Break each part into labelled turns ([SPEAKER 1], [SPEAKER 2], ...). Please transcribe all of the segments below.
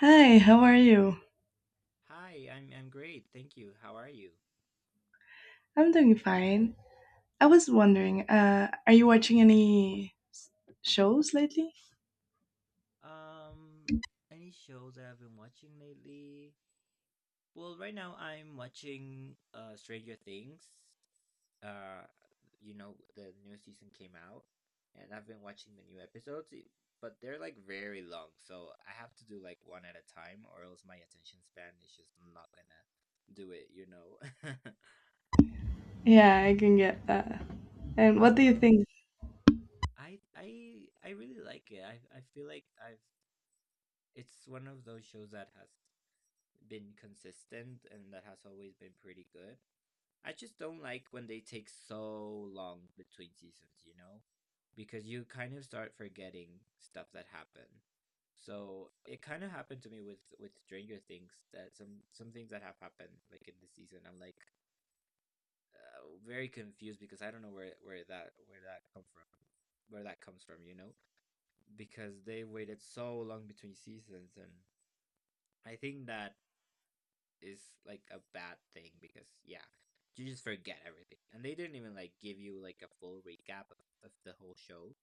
[SPEAKER 1] Hi, how are you?
[SPEAKER 2] Hi, I'm great. Thank you. How are you?
[SPEAKER 1] I'm doing fine. I was wondering, are you watching any shows lately?
[SPEAKER 2] Um, any shows that I've been watching lately? Well, right now I'm watching Stranger Things. Uh, the new season came out and I've been watching the new episodes, but they're like very long, so I have to do like one at a time or else my attention span is just not gonna do it.
[SPEAKER 1] Yeah, I can get that. And what do you
[SPEAKER 2] Um,
[SPEAKER 1] think?
[SPEAKER 2] I really like it. I feel like I've it's one of those shows that has been consistent and that has always been pretty good. I just don't like when they take so long between seasons, you know? Because you kind of start forgetting stuff that happened. So it kind of happened to me with Stranger Things that some things that have happened like in the season. I'm like very confused because I don't know where that comes from, you know? Because they waited so long between seasons, and I think that is like a bad thing because yeah, you just forget everything. And they didn't even like give you like a full recap of the whole show.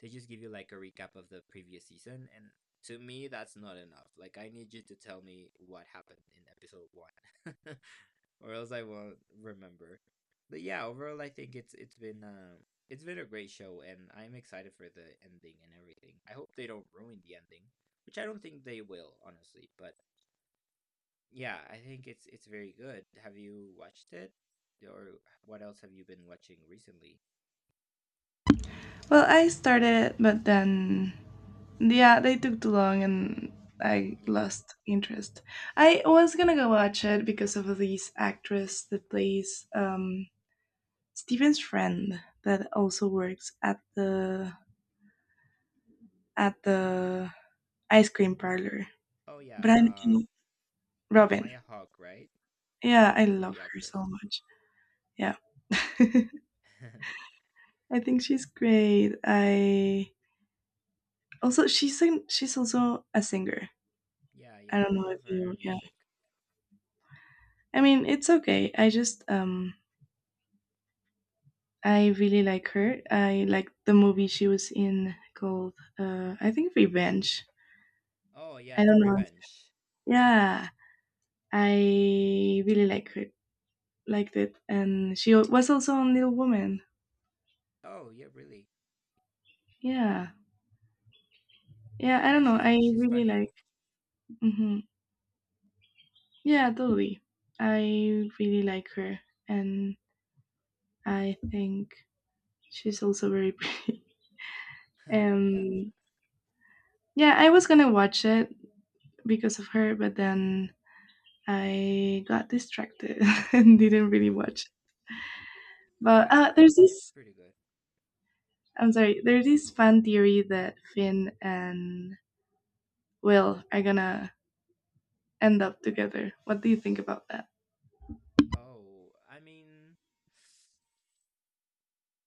[SPEAKER 2] They just give you like a recap of the previous season and to me that's not enough. Like I need you to tell me what happened in episode 1 or else I won't remember. But yeah, overall I think it's been a great show and I'm excited for the ending and everything. I hope they don't ruin the ending, which I don't think they will, honestly, but yeah, I think it's very good. Have you watched it? Or what else have you been watching recently?
[SPEAKER 1] Well, I started, but then yeah, they took too long and I
[SPEAKER 2] Yeah.
[SPEAKER 1] lost interest. I was gonna go watch it because of this actress that plays Steven's friend that also works at the at the ice cream parlor.
[SPEAKER 2] Oh yeah,
[SPEAKER 1] But I can Robin.
[SPEAKER 2] Maya Hawke, right?
[SPEAKER 1] Yeah, I
[SPEAKER 2] Well,
[SPEAKER 1] love
[SPEAKER 2] the
[SPEAKER 1] her so
[SPEAKER 2] actress.
[SPEAKER 1] much. Yeah. I think she's great. I also she's also a singer.
[SPEAKER 2] Yeah,
[SPEAKER 1] I
[SPEAKER 2] yeah,
[SPEAKER 1] don't
[SPEAKER 2] I
[SPEAKER 1] know if
[SPEAKER 2] have heard
[SPEAKER 1] you
[SPEAKER 2] her
[SPEAKER 1] yeah.
[SPEAKER 2] music.
[SPEAKER 1] I mean, it's okay. I just I really like her. I like the movie she was in called I think Revenge.
[SPEAKER 2] Oh yeah,
[SPEAKER 1] I
[SPEAKER 2] Do
[SPEAKER 1] don't know.
[SPEAKER 2] Revenge.
[SPEAKER 1] Yeah. I really like her. Liked it and she was also on Little Woman.
[SPEAKER 2] Oh yeah, really?
[SPEAKER 1] Yeah. Yeah, I
[SPEAKER 2] Yeah,
[SPEAKER 1] don't know.
[SPEAKER 2] she's
[SPEAKER 1] I
[SPEAKER 2] she's
[SPEAKER 1] really
[SPEAKER 2] funny.
[SPEAKER 1] like. Mhm. Yeah, totally. I really like her, and I think she's also very pretty.
[SPEAKER 2] Yeah.
[SPEAKER 1] And yeah, I was gonna watch it because of her, but then I got distracted and didn't really watch.
[SPEAKER 2] Yeah,
[SPEAKER 1] But
[SPEAKER 2] I mean
[SPEAKER 1] there's
[SPEAKER 2] it's
[SPEAKER 1] this.
[SPEAKER 2] pretty good.
[SPEAKER 1] I'm sorry. There's this fan theory that Finn and Will are gonna end up together. What do you think about that?
[SPEAKER 2] Oh, I mean,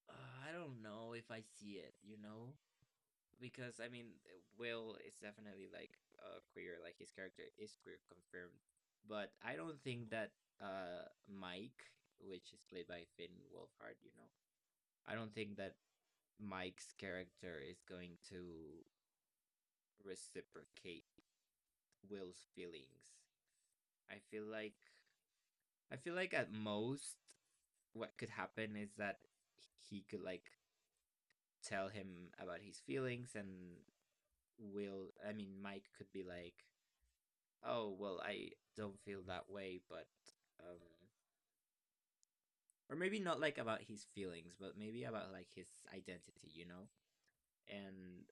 [SPEAKER 2] uh, I don't know if I see it, you know? Because I mean, Will is definitely like queer, like his character is queer confirmed, but I don't think that Mike, which is played by Finn Wolfhard, I don't think that Mike's character is going to reciprocate Will's feelings. I feel like I feel like at most what could happen is that he could like tell him about his feelings and Will, I mean Mike could be like, oh, well, I don't feel that way, but um or maybe not like about his feelings, but maybe about like his identity, you know? And,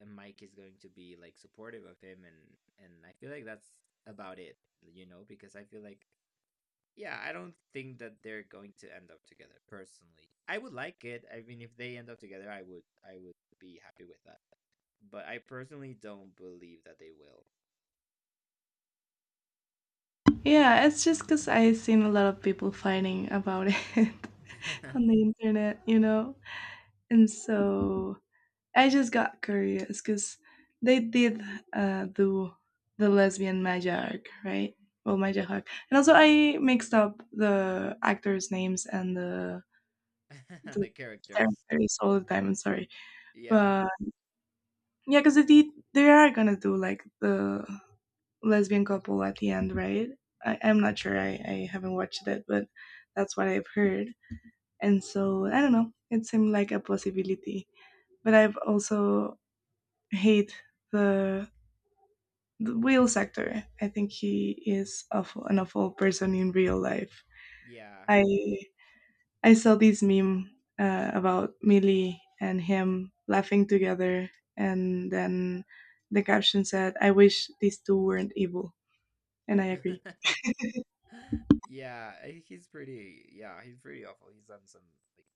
[SPEAKER 2] and Mike is going to be like supportive of him and I feel like that's about it, because I feel like yeah, I don't think that they're going to end up together personally. I would like it. I mean, if they end up together, I would be happy with that. But I personally don't believe that they will.
[SPEAKER 1] Yeah, it's just because I've seen a lot of people fighting about it on the internet. You know. And so I just got curious because they did do the lesbian Maja arc, right? Well, Maja arc. And also, I mixed up the actors' names and the
[SPEAKER 2] And
[SPEAKER 1] the
[SPEAKER 2] the characters.
[SPEAKER 1] characters all the time. I'm sorry,
[SPEAKER 2] Yeah.
[SPEAKER 1] but yeah, because they are gonna do like the lesbian couple at the end, right? I'm not sure. I haven't watched it, but that's what I've heard. And so I don't know. It seemed like a possibility. But I've also hate the, the whale actor. I think he is awful, an awful person in real life.
[SPEAKER 2] Yeah.
[SPEAKER 1] I I saw this meme about Millie and him laughing together, and then the caption said, "I wish these two weren't evil." And I agree.
[SPEAKER 2] Yeah, he's pretty. Yeah, he's pretty awful. He's done some like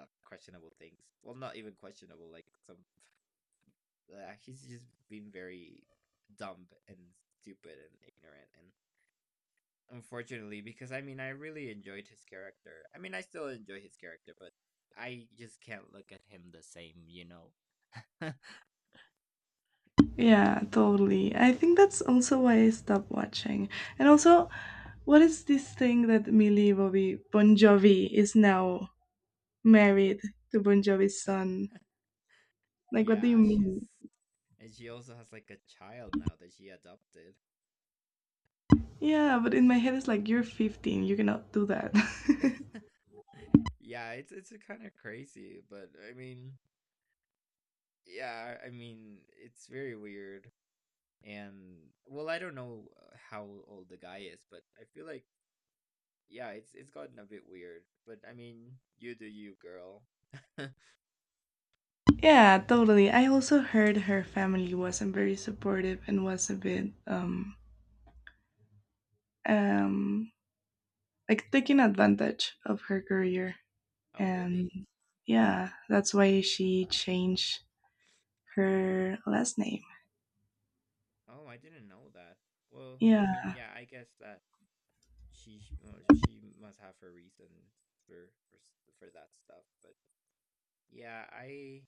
[SPEAKER 2] questionable things. Well, not even questionable. Like he's just been very dumb and stupid and ignorant. And unfortunately, because I mean, I really enjoyed his character. I mean, I still enjoy his character, but I just can't look at him the same. You know.
[SPEAKER 1] Yeah, totally. I think that's also why I stopped watching. And also, what is this thing that Millie Bobby Bon Jovi is now married to Bon Jovi's son? Like, what do you
[SPEAKER 2] Yeah, she's
[SPEAKER 1] mean?
[SPEAKER 2] and she also has like a child now that she adopted.
[SPEAKER 1] Yeah, but in my head it's like you're 15, you cannot do that.
[SPEAKER 2] Yeah, it's kind of crazy, but I mean, yeah, I mean, it's very weird. And well, I don't know how old the guy is, but I feel like yeah, it's gotten a bit weird. But I mean, you do you, girl.
[SPEAKER 1] Yeah, totally. I also heard her family wasn't very supportive and was a bit um like taking advantage of her career
[SPEAKER 2] Oh,
[SPEAKER 1] and
[SPEAKER 2] really?
[SPEAKER 1] yeah, that's why she changed her last name.
[SPEAKER 2] Oh, I didn't know that. Well, I mean,
[SPEAKER 1] Yeah,
[SPEAKER 2] yeah, I guess that well, she must have her reasons for for s- for that stuff, but yeah, I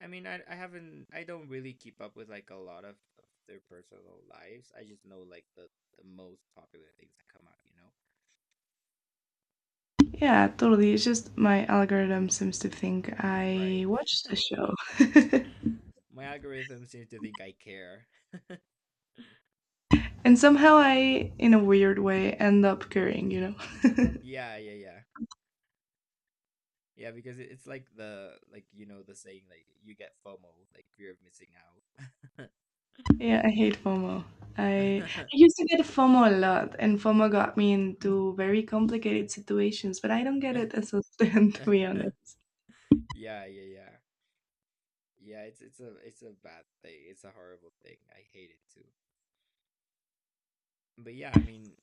[SPEAKER 2] I mean, I I haven't I don't really keep up with like a lot of their personal lives. I just know like the most popular things that come out, you know?
[SPEAKER 1] yeah, totally. It's just my algorithm seems to think I
[SPEAKER 2] Right.
[SPEAKER 1] watched the show.
[SPEAKER 2] My algorithm seems to think I care.
[SPEAKER 1] And somehow I, in a weird way, end up caring, you know?
[SPEAKER 2] Yeah, yeah, yeah. Yeah, because it's like the like you know the saying, like you get FOMO, like fear of missing
[SPEAKER 1] Yeah, I hate FOMO. I,
[SPEAKER 2] out.
[SPEAKER 1] I used to get FOMO a lot, and FOMO got me into very complicated situations, but I don't get it as often, to be honest.
[SPEAKER 2] Yeah, yeah, yeah. Yeah, it's a bad thing. It's a horrible thing. I hate it too. But yeah, I mean,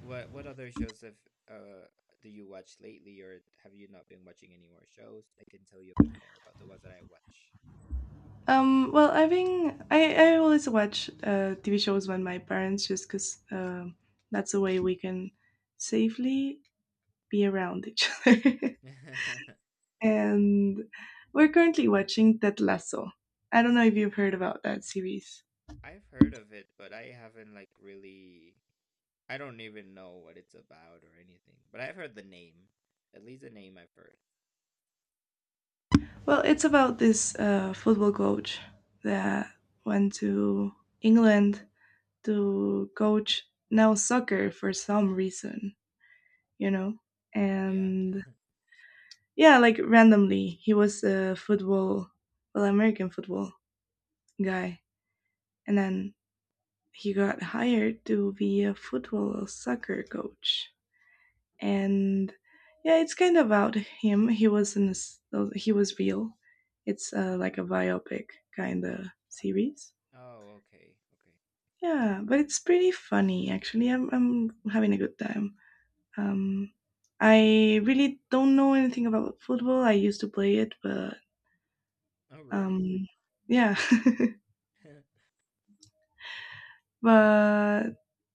[SPEAKER 2] what other shows have uh do you watch lately, or have you not been watching any more shows? I can tell you a bit more about the ones that I watch.
[SPEAKER 1] Well, I think I always watch TV shows with my parents just because that's the way we can safely be around each other. And we're currently watching Ted Lasso. I don't know if you've heard about that series.
[SPEAKER 2] I've heard of it, but I haven't like really. I don't even know what it's about or anything. But I've heard the name. At least the name I've heard.
[SPEAKER 1] Well, it's about this football coach that went to England to coach now soccer for some reason, you know?
[SPEAKER 2] Yeah.
[SPEAKER 1] And yeah, like randomly, he was a football, well, American football guy. And then he got hired to be a football soccer coach. And yeah, it's kind of about him. He was in this, he was real. It's like a biopic kind of series.
[SPEAKER 2] Oh, okay. Okay.
[SPEAKER 1] Yeah, but it's pretty funny actually. I'm having a good time. Um, I really don't know anything about football. I used to play it, but
[SPEAKER 2] Oh, really?
[SPEAKER 1] um, yeah, but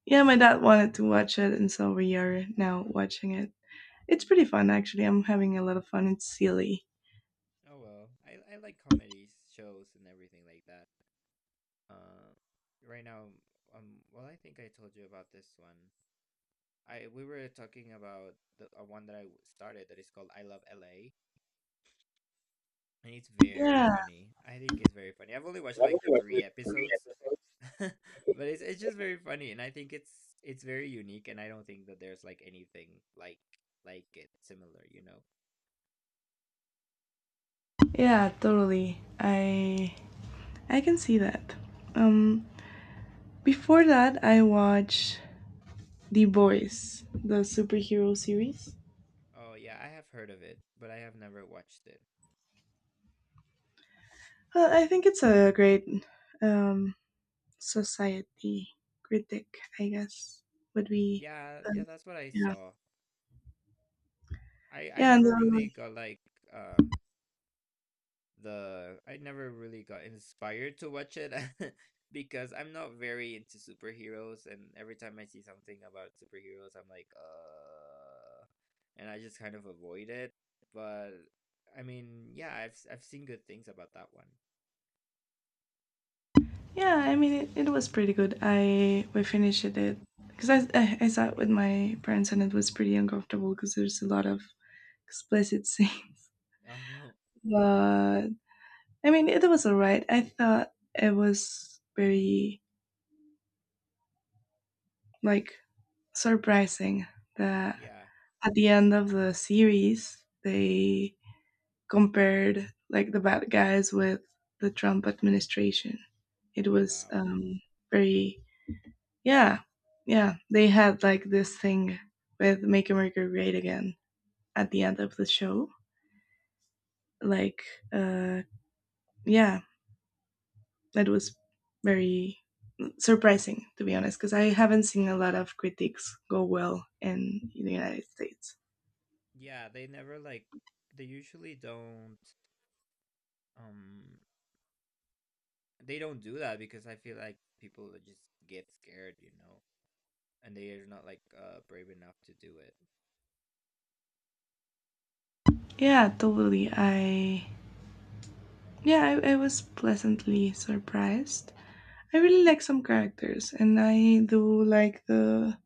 [SPEAKER 1] yeah, my dad wanted to watch it, and so we are now watching it. It's pretty fun actually. I'm having a lot of fun. It's silly.
[SPEAKER 2] Oh well. I like comedy shows and everything like that. Uh, right now, well, I think I told you about this one. I we were talking about the one that started that is called I Love LA, and it's very
[SPEAKER 1] Yeah,
[SPEAKER 2] funny. I think it's very funny. I've only watched like three episodes, but it's just very funny, and I think it's very unique, and I don't think that there's like anything like it similar, you know.
[SPEAKER 1] yeah, totally. I can see that. Um, before that, I watched The Boys, the superhero series.
[SPEAKER 2] Oh yeah, I have heard of it, but I have never watched it.
[SPEAKER 1] Well, I think it's a great um, society critic, I guess, would be.
[SPEAKER 2] Yeah, yeah,
[SPEAKER 1] Um,
[SPEAKER 2] that's what I
[SPEAKER 1] yeah.
[SPEAKER 2] saw. I I
[SPEAKER 1] Yeah, and,
[SPEAKER 2] never really got like um I never really got inspired to watch it because I'm not very into superheroes and every time I see something about superheroes I'm like and I just kind of avoid it, but I mean yeah I've seen good things about that one.
[SPEAKER 1] yeah. I mean, it was pretty good. I we finished it because I saw it with my parents and it was pretty uncomfortable because there's a lot of explicit scenes.
[SPEAKER 2] Oh,
[SPEAKER 1] But I mean, it was alright. I thought it was very like surprising that
[SPEAKER 2] yeah.
[SPEAKER 1] at the end of the series, they compared like the bad guys with the Trump administration. It
[SPEAKER 2] Oh
[SPEAKER 1] was
[SPEAKER 2] wow.
[SPEAKER 1] very. Yeah, yeah, they had like this thing with Make America Great Again at the end of the show. Like, uh, yeah, it was very surprising to be honest because I haven't seen a lot of critiques go well in the United States.
[SPEAKER 2] Yeah, they never like, they usually don't, um they don't do that because I feel like people just get scared, and they are not like brave enough to do it.
[SPEAKER 1] Yeah, totally. I Yeah, I was pleasantly surprised. I really like some characters, and I do like the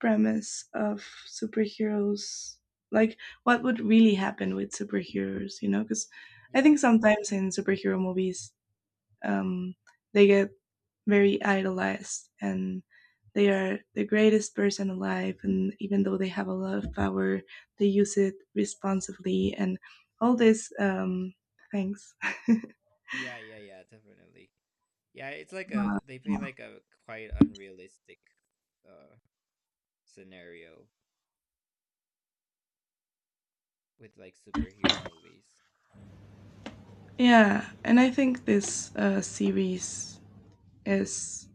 [SPEAKER 1] premise of superheroes. Like, what would really happen with superheroes, you know? Because I
[SPEAKER 2] Yeah.
[SPEAKER 1] think sometimes in superhero movies, um, they get very idolized and they are the greatest person alive. And even though they have a lot of power, they use it responsibly and all these things.
[SPEAKER 2] Yeah, yeah, yeah, definitely. Yeah, it's like a they
[SPEAKER 1] Uh,
[SPEAKER 2] paint like a quite unrealistic uh scenario with like superhero movies.
[SPEAKER 1] Yeah, and I think this series is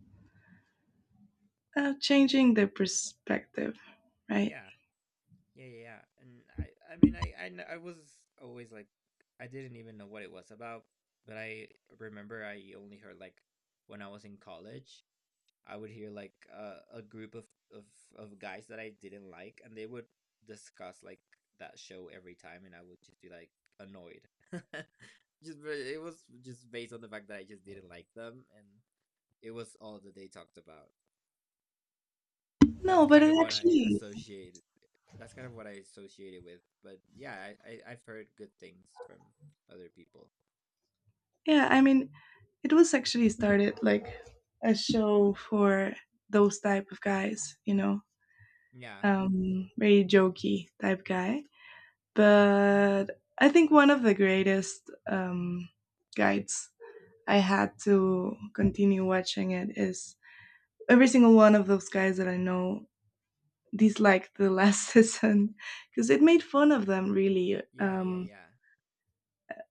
[SPEAKER 1] changing the perspective, right?
[SPEAKER 2] Yeah. Yeah, yeah, yeah. And I mean I was always like, I didn't even know what it was about, but I remember I only heard like when I was in college I would hear like a group of of guys that I didn't like, and they would discuss like that show every time, and I would just be like annoyed. just It was just based on the fact that I just didn't like them, and it was all that they talked about. That's
[SPEAKER 1] No, but
[SPEAKER 2] kind
[SPEAKER 1] it
[SPEAKER 2] of what I
[SPEAKER 1] actually,
[SPEAKER 2] associated. That's kind of what I associated with. But yeah, I've heard good things from other people.
[SPEAKER 1] yeah, I mean, it was actually started like a show for those type of guys, you know,
[SPEAKER 2] Yeah,
[SPEAKER 1] very jokey type guy. But I think one of the greatest guides I had to continue watching it is every single one of those guys that I know disliked the last season because it made fun of them, really.
[SPEAKER 2] yeah, yeah, yeah,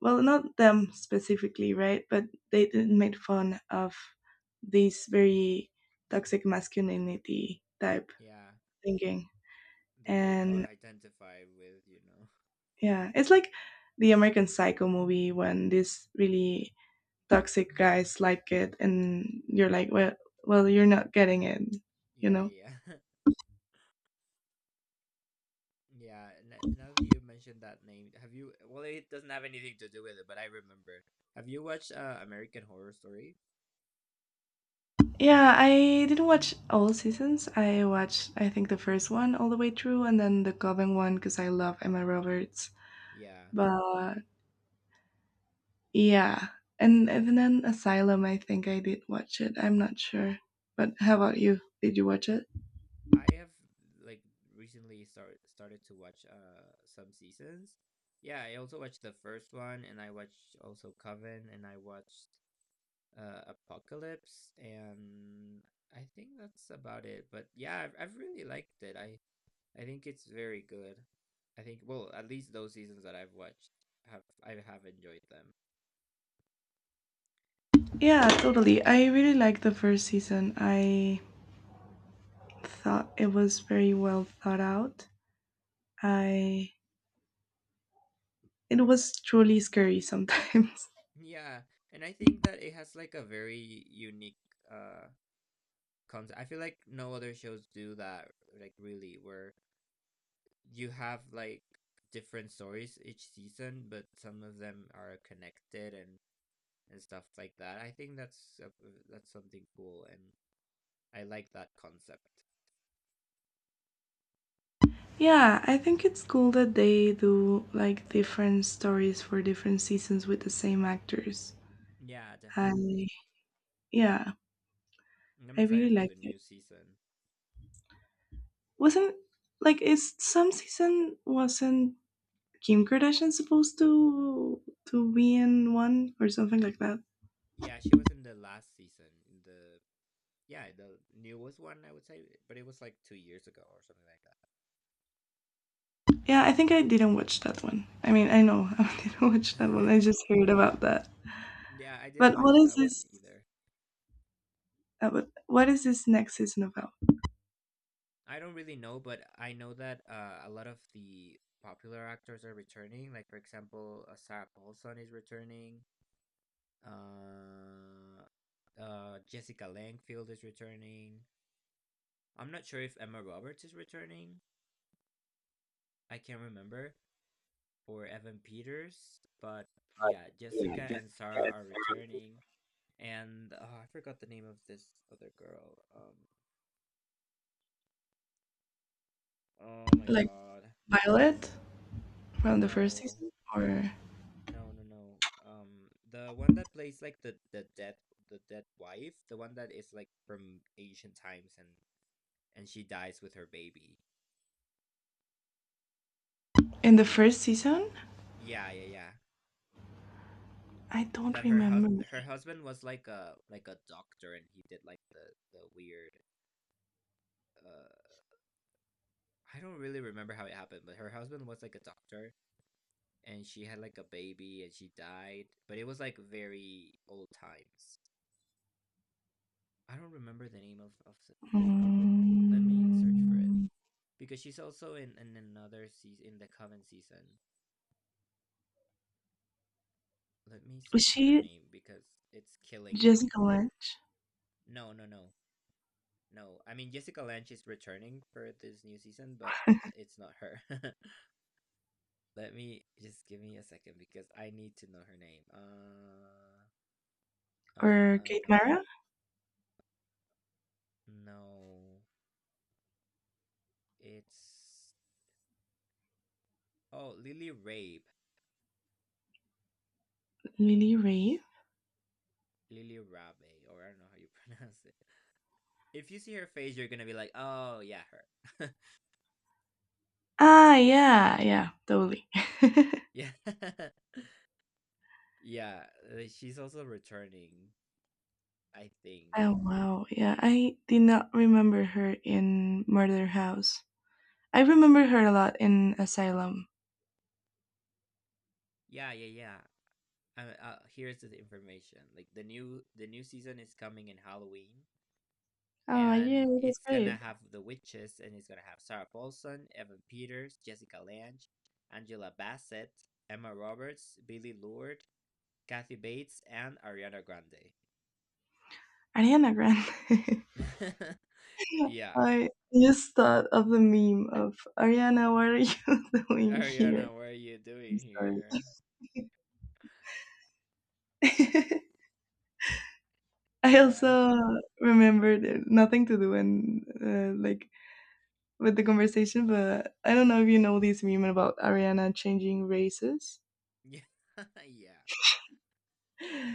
[SPEAKER 1] Well, not them specifically, right? But they did made fun of this very toxic masculinity type
[SPEAKER 2] yeah.
[SPEAKER 1] thinking.
[SPEAKER 2] That they got
[SPEAKER 1] And
[SPEAKER 2] identified with.
[SPEAKER 1] yeah, it's like the American Psycho movie when these really toxic guys like it, and you're like, well, well, you're not getting it, you
[SPEAKER 2] Yeah,
[SPEAKER 1] know.
[SPEAKER 2] yeah, yeah. Yeah, and now that you mentioned that name, have you? Well, it doesn't have anything to do with it, but I remember. Have you watched American Horror Story?
[SPEAKER 1] Yeah, I didn't watch all seasons. I watched, I think, the first one all the way through, and then the Coven one because I love Emma Roberts.
[SPEAKER 2] Yeah,
[SPEAKER 1] But yeah, and then Asylum. I think I did watch it. I'm not sure. But how about you? Did you watch it?
[SPEAKER 2] I have like started to watch some seasons. Yeah, I also watched the first one, and I watched also Coven, and I watched Apocalypse, and I think that's about it. But yeah, I've really liked it. I think it's very good. I think well, at least those seasons that I've watched have I have enjoyed them.
[SPEAKER 1] Yeah, totally. I really liked the first season. I thought it was very well thought out. I It was truly scary sometimes.
[SPEAKER 2] Yeah, and I think that it has like a very unique uh concept. I feel like no other shows do that, like really, where you have like different stories each season, but some of them are connected and stuff like that. I think that's something cool and I like that concept.
[SPEAKER 1] Yeah, I think it's cool that they do like different stories for different seasons with the same actors.
[SPEAKER 2] Yeah,
[SPEAKER 1] I
[SPEAKER 2] definitely.
[SPEAKER 1] yeah,
[SPEAKER 2] And I'm
[SPEAKER 1] I really
[SPEAKER 2] excited for the
[SPEAKER 1] liked it.
[SPEAKER 2] new season.
[SPEAKER 1] Wasn't like is some season wasn't Kim Kardashian supposed to be in one or something like that?
[SPEAKER 2] Yeah, she was in the last season, in the, yeah, the newest one, I would say, but it was like 2 years ago or something
[SPEAKER 1] Yeah, I think I didn't watch that one. I mean, I know I didn't watch
[SPEAKER 2] like
[SPEAKER 1] that one. I
[SPEAKER 2] that.
[SPEAKER 1] just heard about that.
[SPEAKER 2] Yeah, I didn't
[SPEAKER 1] But what
[SPEAKER 2] watch
[SPEAKER 1] is
[SPEAKER 2] that one
[SPEAKER 1] this?
[SPEAKER 2] either.
[SPEAKER 1] What is this next season about?
[SPEAKER 2] I don't really know, but I know that a lot of the popular actors are returning. Like for example, Sarah Paulson is returning. Uh, Jessica Langfield is returning. I'm not sure if Emma Roberts is returning. I can't remember, for Evan Peters. But yeah, Jessica and Sarah are returning. And oh, I forgot the name of this other girl. Oh my
[SPEAKER 1] Like
[SPEAKER 2] god,
[SPEAKER 1] Violet from the first
[SPEAKER 2] no,
[SPEAKER 1] season, or?
[SPEAKER 2] no, no, no. The one that plays like the dead wife, the one that is like from ancient times, and she dies with her baby.
[SPEAKER 1] In the first season,
[SPEAKER 2] Yeah, yeah, yeah.
[SPEAKER 1] I don't
[SPEAKER 2] That her hus-
[SPEAKER 1] remember.
[SPEAKER 2] her husband was like a doctor, and he did like the weird uh I don't really remember how it happened, but her husband was like a doctor and she had like a baby and she died, but it was like very old times. I don't remember the name of the girl. Let me search for it
[SPEAKER 1] Mm,
[SPEAKER 2] because she's also in another season in the Coven season. Let me
[SPEAKER 1] was
[SPEAKER 2] search for her
[SPEAKER 1] she
[SPEAKER 2] name because it's killing me.
[SPEAKER 1] Jessica Lange,
[SPEAKER 2] No, no, no. No, I mean Jessica Lange is returning for this new season, but it's not her. Let me just give me a second because I need to know her name.
[SPEAKER 1] or
[SPEAKER 2] Uh,
[SPEAKER 1] Kate
[SPEAKER 2] uh,
[SPEAKER 1] Mara?
[SPEAKER 2] no, it's oh Lily Rabe,
[SPEAKER 1] Lily Ray?
[SPEAKER 2] Lily Rabe, or I don't know how you pronounce it. If you see her face, you're gonna be like, oh yeah, her.
[SPEAKER 1] Ah, yeah, yeah, totally.
[SPEAKER 2] Yeah, yeah. She's also returning, I think.
[SPEAKER 1] Oh wow, yeah, I did not remember her in Murder House. I remember her a lot in Asylum.
[SPEAKER 2] Yeah, yeah, yeah. Here's the information. Like the new season is coming in Halloween,
[SPEAKER 1] Oh yeah,
[SPEAKER 2] and
[SPEAKER 1] that's
[SPEAKER 2] it's
[SPEAKER 1] great.
[SPEAKER 2] gonna have the witches and it's gonna have Sarah Paulson, Evan Peters, Jessica Lange, Angela Bassett, Emma Roberts, Billy Lourd, Kathy Bates, and Ariana Grande.
[SPEAKER 1] Ariana Grande.
[SPEAKER 2] Yeah,
[SPEAKER 1] I just thought of the meme of Ariana, what are you doing
[SPEAKER 2] Ariana,
[SPEAKER 1] here?
[SPEAKER 2] what are you doing
[SPEAKER 1] I'm
[SPEAKER 2] here?
[SPEAKER 1] sorry. I
[SPEAKER 2] Yeah.
[SPEAKER 1] also remembered nothing to do and like with the conversation, but I don't know if you know this meme about Ariana changing races.
[SPEAKER 2] Yeah, yeah,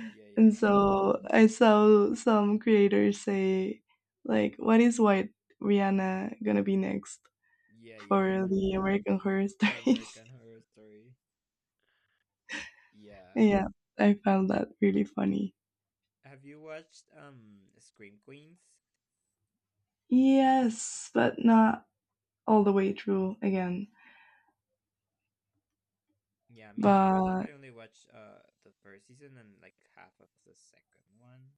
[SPEAKER 2] yeah, yeah,
[SPEAKER 1] And
[SPEAKER 2] yeah,
[SPEAKER 1] so I saw some creators say, like, what is white Rihanna gonna be next
[SPEAKER 2] yeah, yeah,
[SPEAKER 1] for
[SPEAKER 2] yeah,
[SPEAKER 1] the American Horror
[SPEAKER 2] for
[SPEAKER 1] Stories?
[SPEAKER 2] American Horror Story. Yeah.
[SPEAKER 1] Yeah, I found that really funny.
[SPEAKER 2] Have you watched Scream Queens?
[SPEAKER 1] Yes, but not all the way through again.
[SPEAKER 2] Yeah, me too. I think
[SPEAKER 1] But
[SPEAKER 2] I only watched the first season and like half of the second one.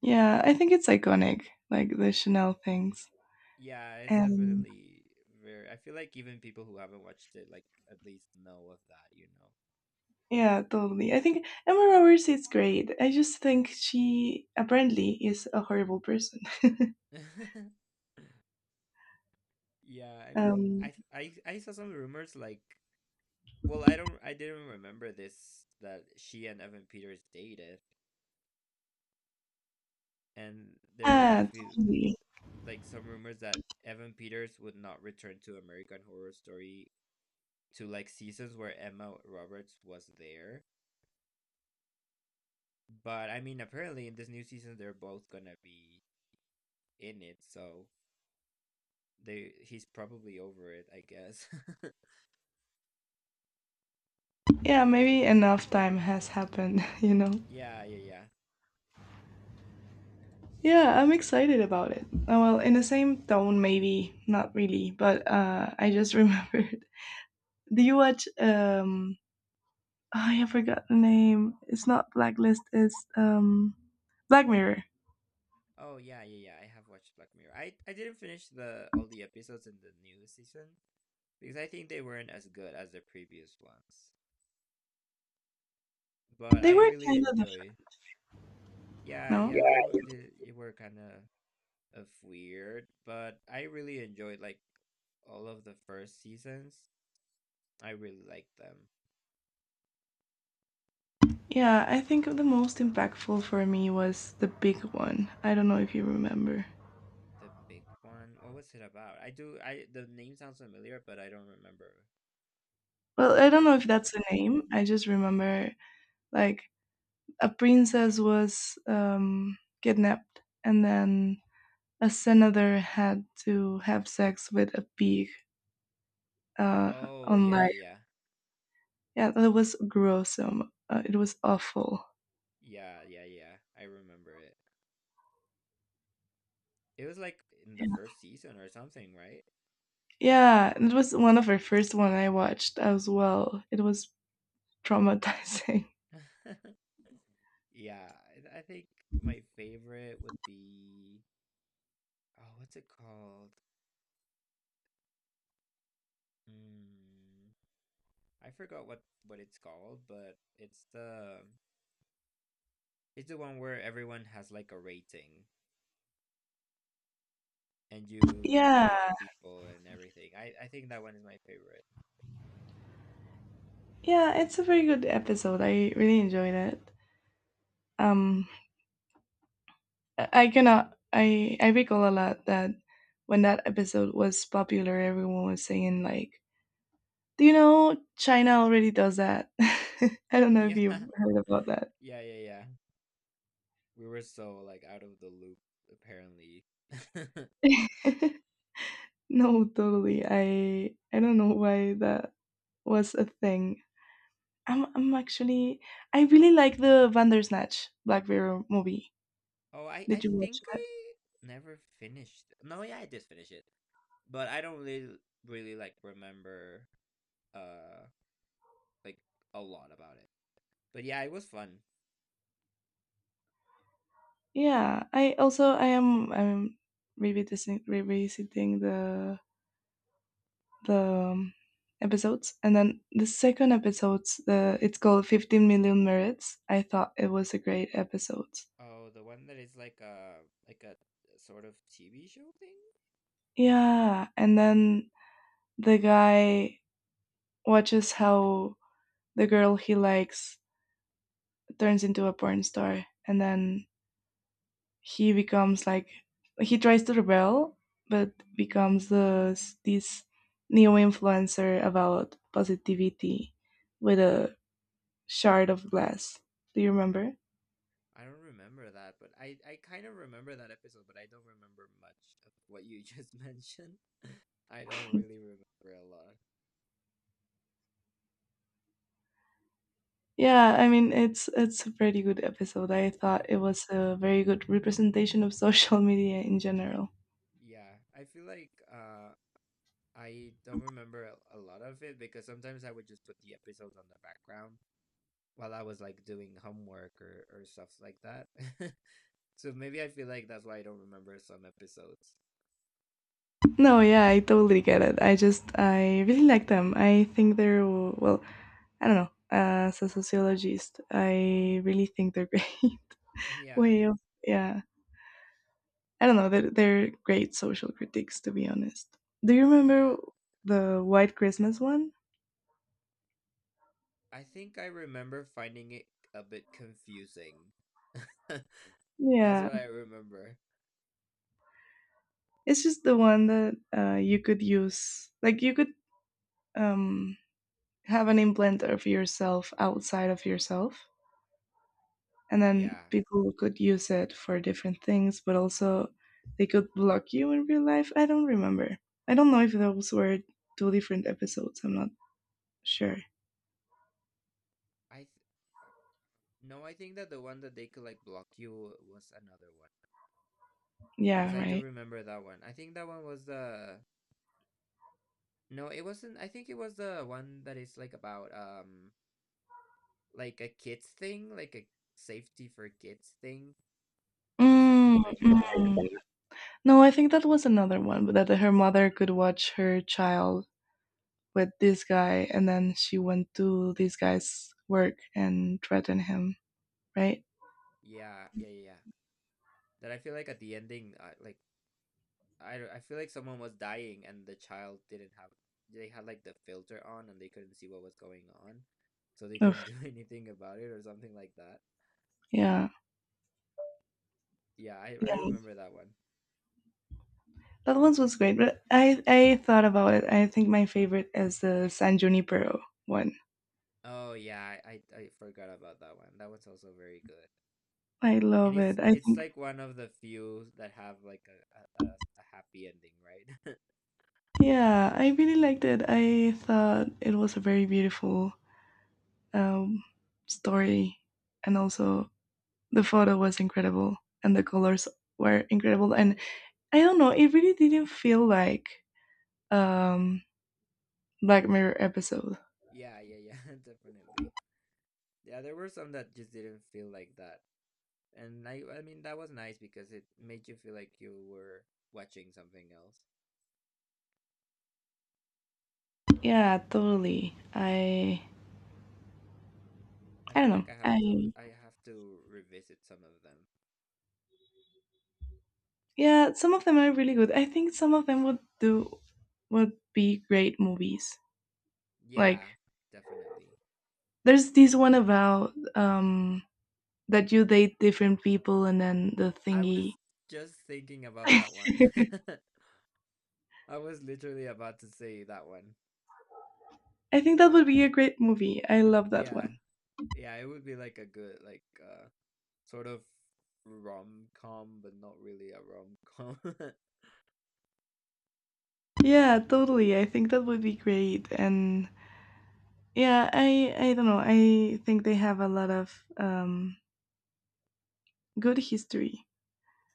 [SPEAKER 1] yeah, I think it's iconic, like the Chanel things.
[SPEAKER 2] Yeah, it's
[SPEAKER 1] And
[SPEAKER 2] definitely very. I feel like even people who haven't watched it like at least know of that, you
[SPEAKER 1] yeah, totally. I think Emma Roberts is great. I just think she apparently is a horrible person.
[SPEAKER 2] know. Yeah, I mean,
[SPEAKER 1] Um,
[SPEAKER 2] I th- I saw some rumors like, well, I didn't remember this that she and Evan Peters dated, and there were I
[SPEAKER 1] yeah,
[SPEAKER 2] feel
[SPEAKER 1] totally.
[SPEAKER 2] like some rumors that Evan Peters would not return to American Horror Story to like seasons where Emma Roberts was there. But I mean, apparently in this new season they're both gonna be in it, so they he's probably over it, I guess.
[SPEAKER 1] Yeah, maybe enough time has happened, you know.
[SPEAKER 2] Yeah, yeah, yeah.
[SPEAKER 1] Yeah, I'm excited about it. Well, in the same tone, maybe not really, but I just remembered. Do you watch? Oh, yeah, I forgot the name. It's not Blacklist. It's Black Mirror.
[SPEAKER 2] Oh, yeah, yeah, yeah. I have watched Black Mirror. I didn't finish the all the episodes in the new season because I think they weren't as good as the previous ones. But
[SPEAKER 1] They
[SPEAKER 2] I
[SPEAKER 1] were
[SPEAKER 2] really
[SPEAKER 1] kind of the
[SPEAKER 2] enjoy. Yeah,
[SPEAKER 1] no.
[SPEAKER 2] yeah, they were kind of weird, but I really enjoyed like all of the first seasons. I really liked them.
[SPEAKER 1] Yeah, I think the most impactful for me was the big one. I don't know if you remember.
[SPEAKER 2] The big one. What was it about? I do. I The name sounds familiar, but I don't remember
[SPEAKER 1] Well, I
[SPEAKER 2] what
[SPEAKER 1] don't
[SPEAKER 2] it
[SPEAKER 1] know if
[SPEAKER 2] was
[SPEAKER 1] that's
[SPEAKER 2] about.
[SPEAKER 1] the name. I just remember like a princess was kidnapped, and then a senator had to have sex with a pig uh,
[SPEAKER 2] Oh
[SPEAKER 1] on
[SPEAKER 2] yeah, yeah,
[SPEAKER 1] live.
[SPEAKER 2] yeah,
[SPEAKER 1] Yeah, that was gruesome. It was awful.
[SPEAKER 2] yeah, yeah, yeah. I remember it. It was like in the
[SPEAKER 1] Yeah.
[SPEAKER 2] first season or something, right?
[SPEAKER 1] Yeah, it was one of her first one I watched as well. It was traumatizing.
[SPEAKER 2] Yeah, I think my favorite would be oh, what's it called? Mm, I forgot what it's called, but it's the one where everyone has like a rating and you like
[SPEAKER 1] Yeah,
[SPEAKER 2] rate people and everything. I think that one is my favorite.
[SPEAKER 1] yeah, it's a very good episode. I really enjoyed it. Um, I cannot. I recall a lot that when that episode was popular, everyone was saying like, "Do you know China already does that?" I don't know if
[SPEAKER 2] Yeah.
[SPEAKER 1] you've heard about that.
[SPEAKER 2] Yeah, yeah, yeah. We were so like out of the loop apparently.
[SPEAKER 1] No, totally. I don't know why that was a thing. I'm I'm actually I really like the Vandersnatch Black Mirror movie.
[SPEAKER 2] Oh, I
[SPEAKER 1] Did you watch?
[SPEAKER 2] think I never finished. No, yeah, I did finish it, but I don't really really like remember uh like a lot about it. But yeah, it was fun.
[SPEAKER 1] Yeah, I also I am I'm revisiting revisiting the um, episodes, and then the second episodes, the it's called Fifteen Million Merits. I thought it was a great episode.
[SPEAKER 2] Oh, the one that is like a sort of TV show thing?
[SPEAKER 1] Yeah, and then the guy watches how the girl he likes turns into a porn star, and then he becomes like he tries to rebel but becomes this neo influencer about positivity with a shard of glass. Do you remember?
[SPEAKER 2] I don't remember that, but I kind of remember that episode, but I don't remember much of what you just mentioned. I don't really remember a lot.
[SPEAKER 1] Yeah, I mean it's a pretty good episode. I thought
[SPEAKER 2] Be-
[SPEAKER 1] it was a very good representation of social media in general.
[SPEAKER 2] yeah, I feel like I don't remember a lot of it because sometimes I would just put the episodes on the background while I was like doing homework or stuff like that. So maybe I feel like that's why I don't remember some episodes.
[SPEAKER 1] No, yeah, I totally get it. I really like them. I think they're, well, I don't know, as a sociologist I really think they're great
[SPEAKER 2] Yeah.
[SPEAKER 1] way of, yeah, I don't know. They're great social critiques, to be honest. Do you remember
[SPEAKER 2] Yeah,
[SPEAKER 1] the White Christmas one?
[SPEAKER 2] I think I remember finding it a bit confusing. That's
[SPEAKER 1] Yeah,
[SPEAKER 2] what I remember.
[SPEAKER 1] it's just the one that you could use. Like you could um, have an implant of yourself outside of yourself, and then
[SPEAKER 2] Yeah.
[SPEAKER 1] people could use it for different things. But also, they could block you in real life. I don't remember. I don't know if those were two different episodes. I'm not sure.
[SPEAKER 2] I th- uh, No, I think that the one that they could like block you was another one because
[SPEAKER 1] Yeah,
[SPEAKER 2] I do
[SPEAKER 1] right.
[SPEAKER 2] remember that one. I think that one was the no, it wasn't. I think it was the one that is like about like a kids thing, like a safety for kids thing or something
[SPEAKER 1] Mm,
[SPEAKER 2] like that.
[SPEAKER 1] mm. No, I think that was another one, but that her mother could watch her child with this guy, and then she went to this guy's work and threatened him, right?
[SPEAKER 2] Yeah, yeah, yeah, yeah. That I feel like at the ending, like I don't- I feel like someone was dying and the child didn't have they had like the filter on and they couldn't see what was going on, so they
[SPEAKER 1] Oof.
[SPEAKER 2] couldn't do anything about it or something like that.
[SPEAKER 1] Yeah.
[SPEAKER 2] Yeah, I
[SPEAKER 1] Yeah,
[SPEAKER 2] remember that one.
[SPEAKER 1] that one was great, but I thought about it. I think my favorite is the San Junipero one.
[SPEAKER 2] Oh yeah, I forgot about that one. That one's also very good.
[SPEAKER 1] I
[SPEAKER 2] And
[SPEAKER 1] love
[SPEAKER 2] it's
[SPEAKER 1] it. I
[SPEAKER 2] it's
[SPEAKER 1] think,
[SPEAKER 2] like one of the few that have like a a happy ending, right?
[SPEAKER 1] yeah, I really liked it. I thought it was a very beautiful um, story, and also the photo was incredible, and the colors were incredible, and I don't know. It really didn't feel like um Black Mirror episode.
[SPEAKER 2] Yeah, yeah, yeah, definitely. Yeah, there were some that just didn't feel like that. And I mean that was nice because it made you feel like you were watching something else.
[SPEAKER 1] Yeah, totally. I
[SPEAKER 2] I
[SPEAKER 1] I don't
[SPEAKER 2] feel
[SPEAKER 1] know.
[SPEAKER 2] like I have to
[SPEAKER 1] I
[SPEAKER 2] I have to revisit some of them.
[SPEAKER 1] Yeah, some of them are really good. I think some of them would be great movies. Like
[SPEAKER 2] Yeah, definitely.
[SPEAKER 1] there's this one about that you date different people and then the
[SPEAKER 2] I
[SPEAKER 1] thingy.
[SPEAKER 2] was just thinking about that one. I was literally about to say that one.
[SPEAKER 1] I think that would be a great movie. I love that
[SPEAKER 2] Yeah.
[SPEAKER 1] one.
[SPEAKER 2] Yeah, it would be like a good like sort of rom-com but not really a rom-com.
[SPEAKER 1] Yeah, totally. I think that would be great, and yeah, I don't know. I think they have a lot of um good history.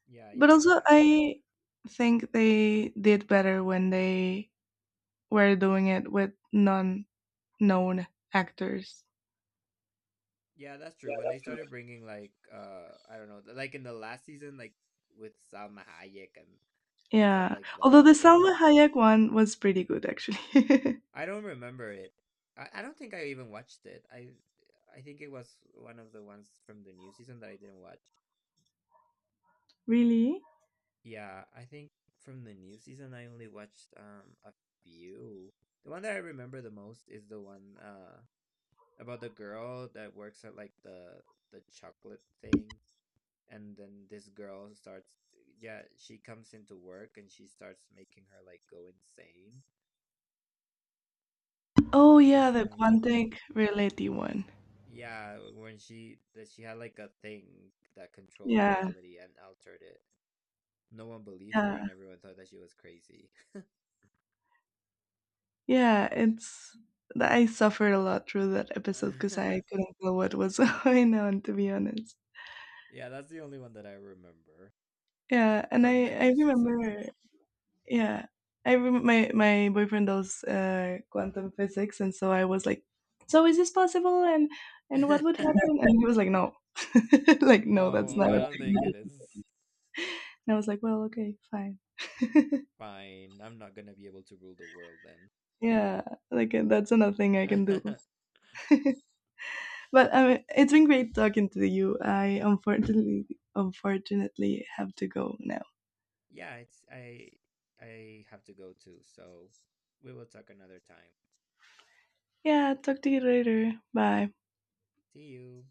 [SPEAKER 2] Yeah,
[SPEAKER 1] But
[SPEAKER 2] yeah, yeah,
[SPEAKER 1] also,
[SPEAKER 2] yeah.
[SPEAKER 1] I think they did better when they were doing it with non-known actors.
[SPEAKER 2] Yeah, that's true. When they started bringing like I don't know, like in the last season like with Salma Hayek and stuff
[SPEAKER 1] Yeah.
[SPEAKER 2] like
[SPEAKER 1] Although the
[SPEAKER 2] that, it
[SPEAKER 1] Salma
[SPEAKER 2] was
[SPEAKER 1] Hayek one was pretty good, actually.
[SPEAKER 2] I don't remember it. I don't think I even watched it. I think it was one of the ones from the new season that I didn't watch.
[SPEAKER 1] Really?
[SPEAKER 2] Yeah, I think from the new season I only watched a few. The one that I remember the most is the one about the girl that works at like the chocolate thing and then this girl starts yeah, she comes into work and she starts making her like go insane. Do
[SPEAKER 1] Oh
[SPEAKER 2] you know
[SPEAKER 1] yeah,
[SPEAKER 2] which
[SPEAKER 1] the
[SPEAKER 2] one I'm talking.
[SPEAKER 1] Quantic Reality one.
[SPEAKER 2] Yeah, when she that she had like a thing that controlled
[SPEAKER 1] Yeah,
[SPEAKER 2] reality and altered it. No one believed her
[SPEAKER 1] yeah,
[SPEAKER 2] and everyone thought that she was crazy.
[SPEAKER 1] yeah. It's I suffered a lot through that episode because I couldn't tell what was going on, to be honest.
[SPEAKER 2] Yeah, that's the only one that I remember
[SPEAKER 1] Yeah, and
[SPEAKER 2] from
[SPEAKER 1] I
[SPEAKER 2] the
[SPEAKER 1] I
[SPEAKER 2] new season.
[SPEAKER 1] remember. Yeah, my boyfriend does quantum physics, and so I was like, so is this possible, and what would happen? And he was like, no, like, no, that's
[SPEAKER 2] No,
[SPEAKER 1] not a
[SPEAKER 2] I don't
[SPEAKER 1] thing.
[SPEAKER 2] think
[SPEAKER 1] And
[SPEAKER 2] it is.
[SPEAKER 1] I was like, well, okay, fine.
[SPEAKER 2] Fine. I'm not going to be able to rule the world then.
[SPEAKER 1] Yeah, like that's another thing I can do. But I mean, it's been great talking to you. I unfortunately have to go now.
[SPEAKER 2] Yeah, it's I have to go too, so we will talk another time.
[SPEAKER 1] Yeah, talk to you later. Bye.
[SPEAKER 2] See you.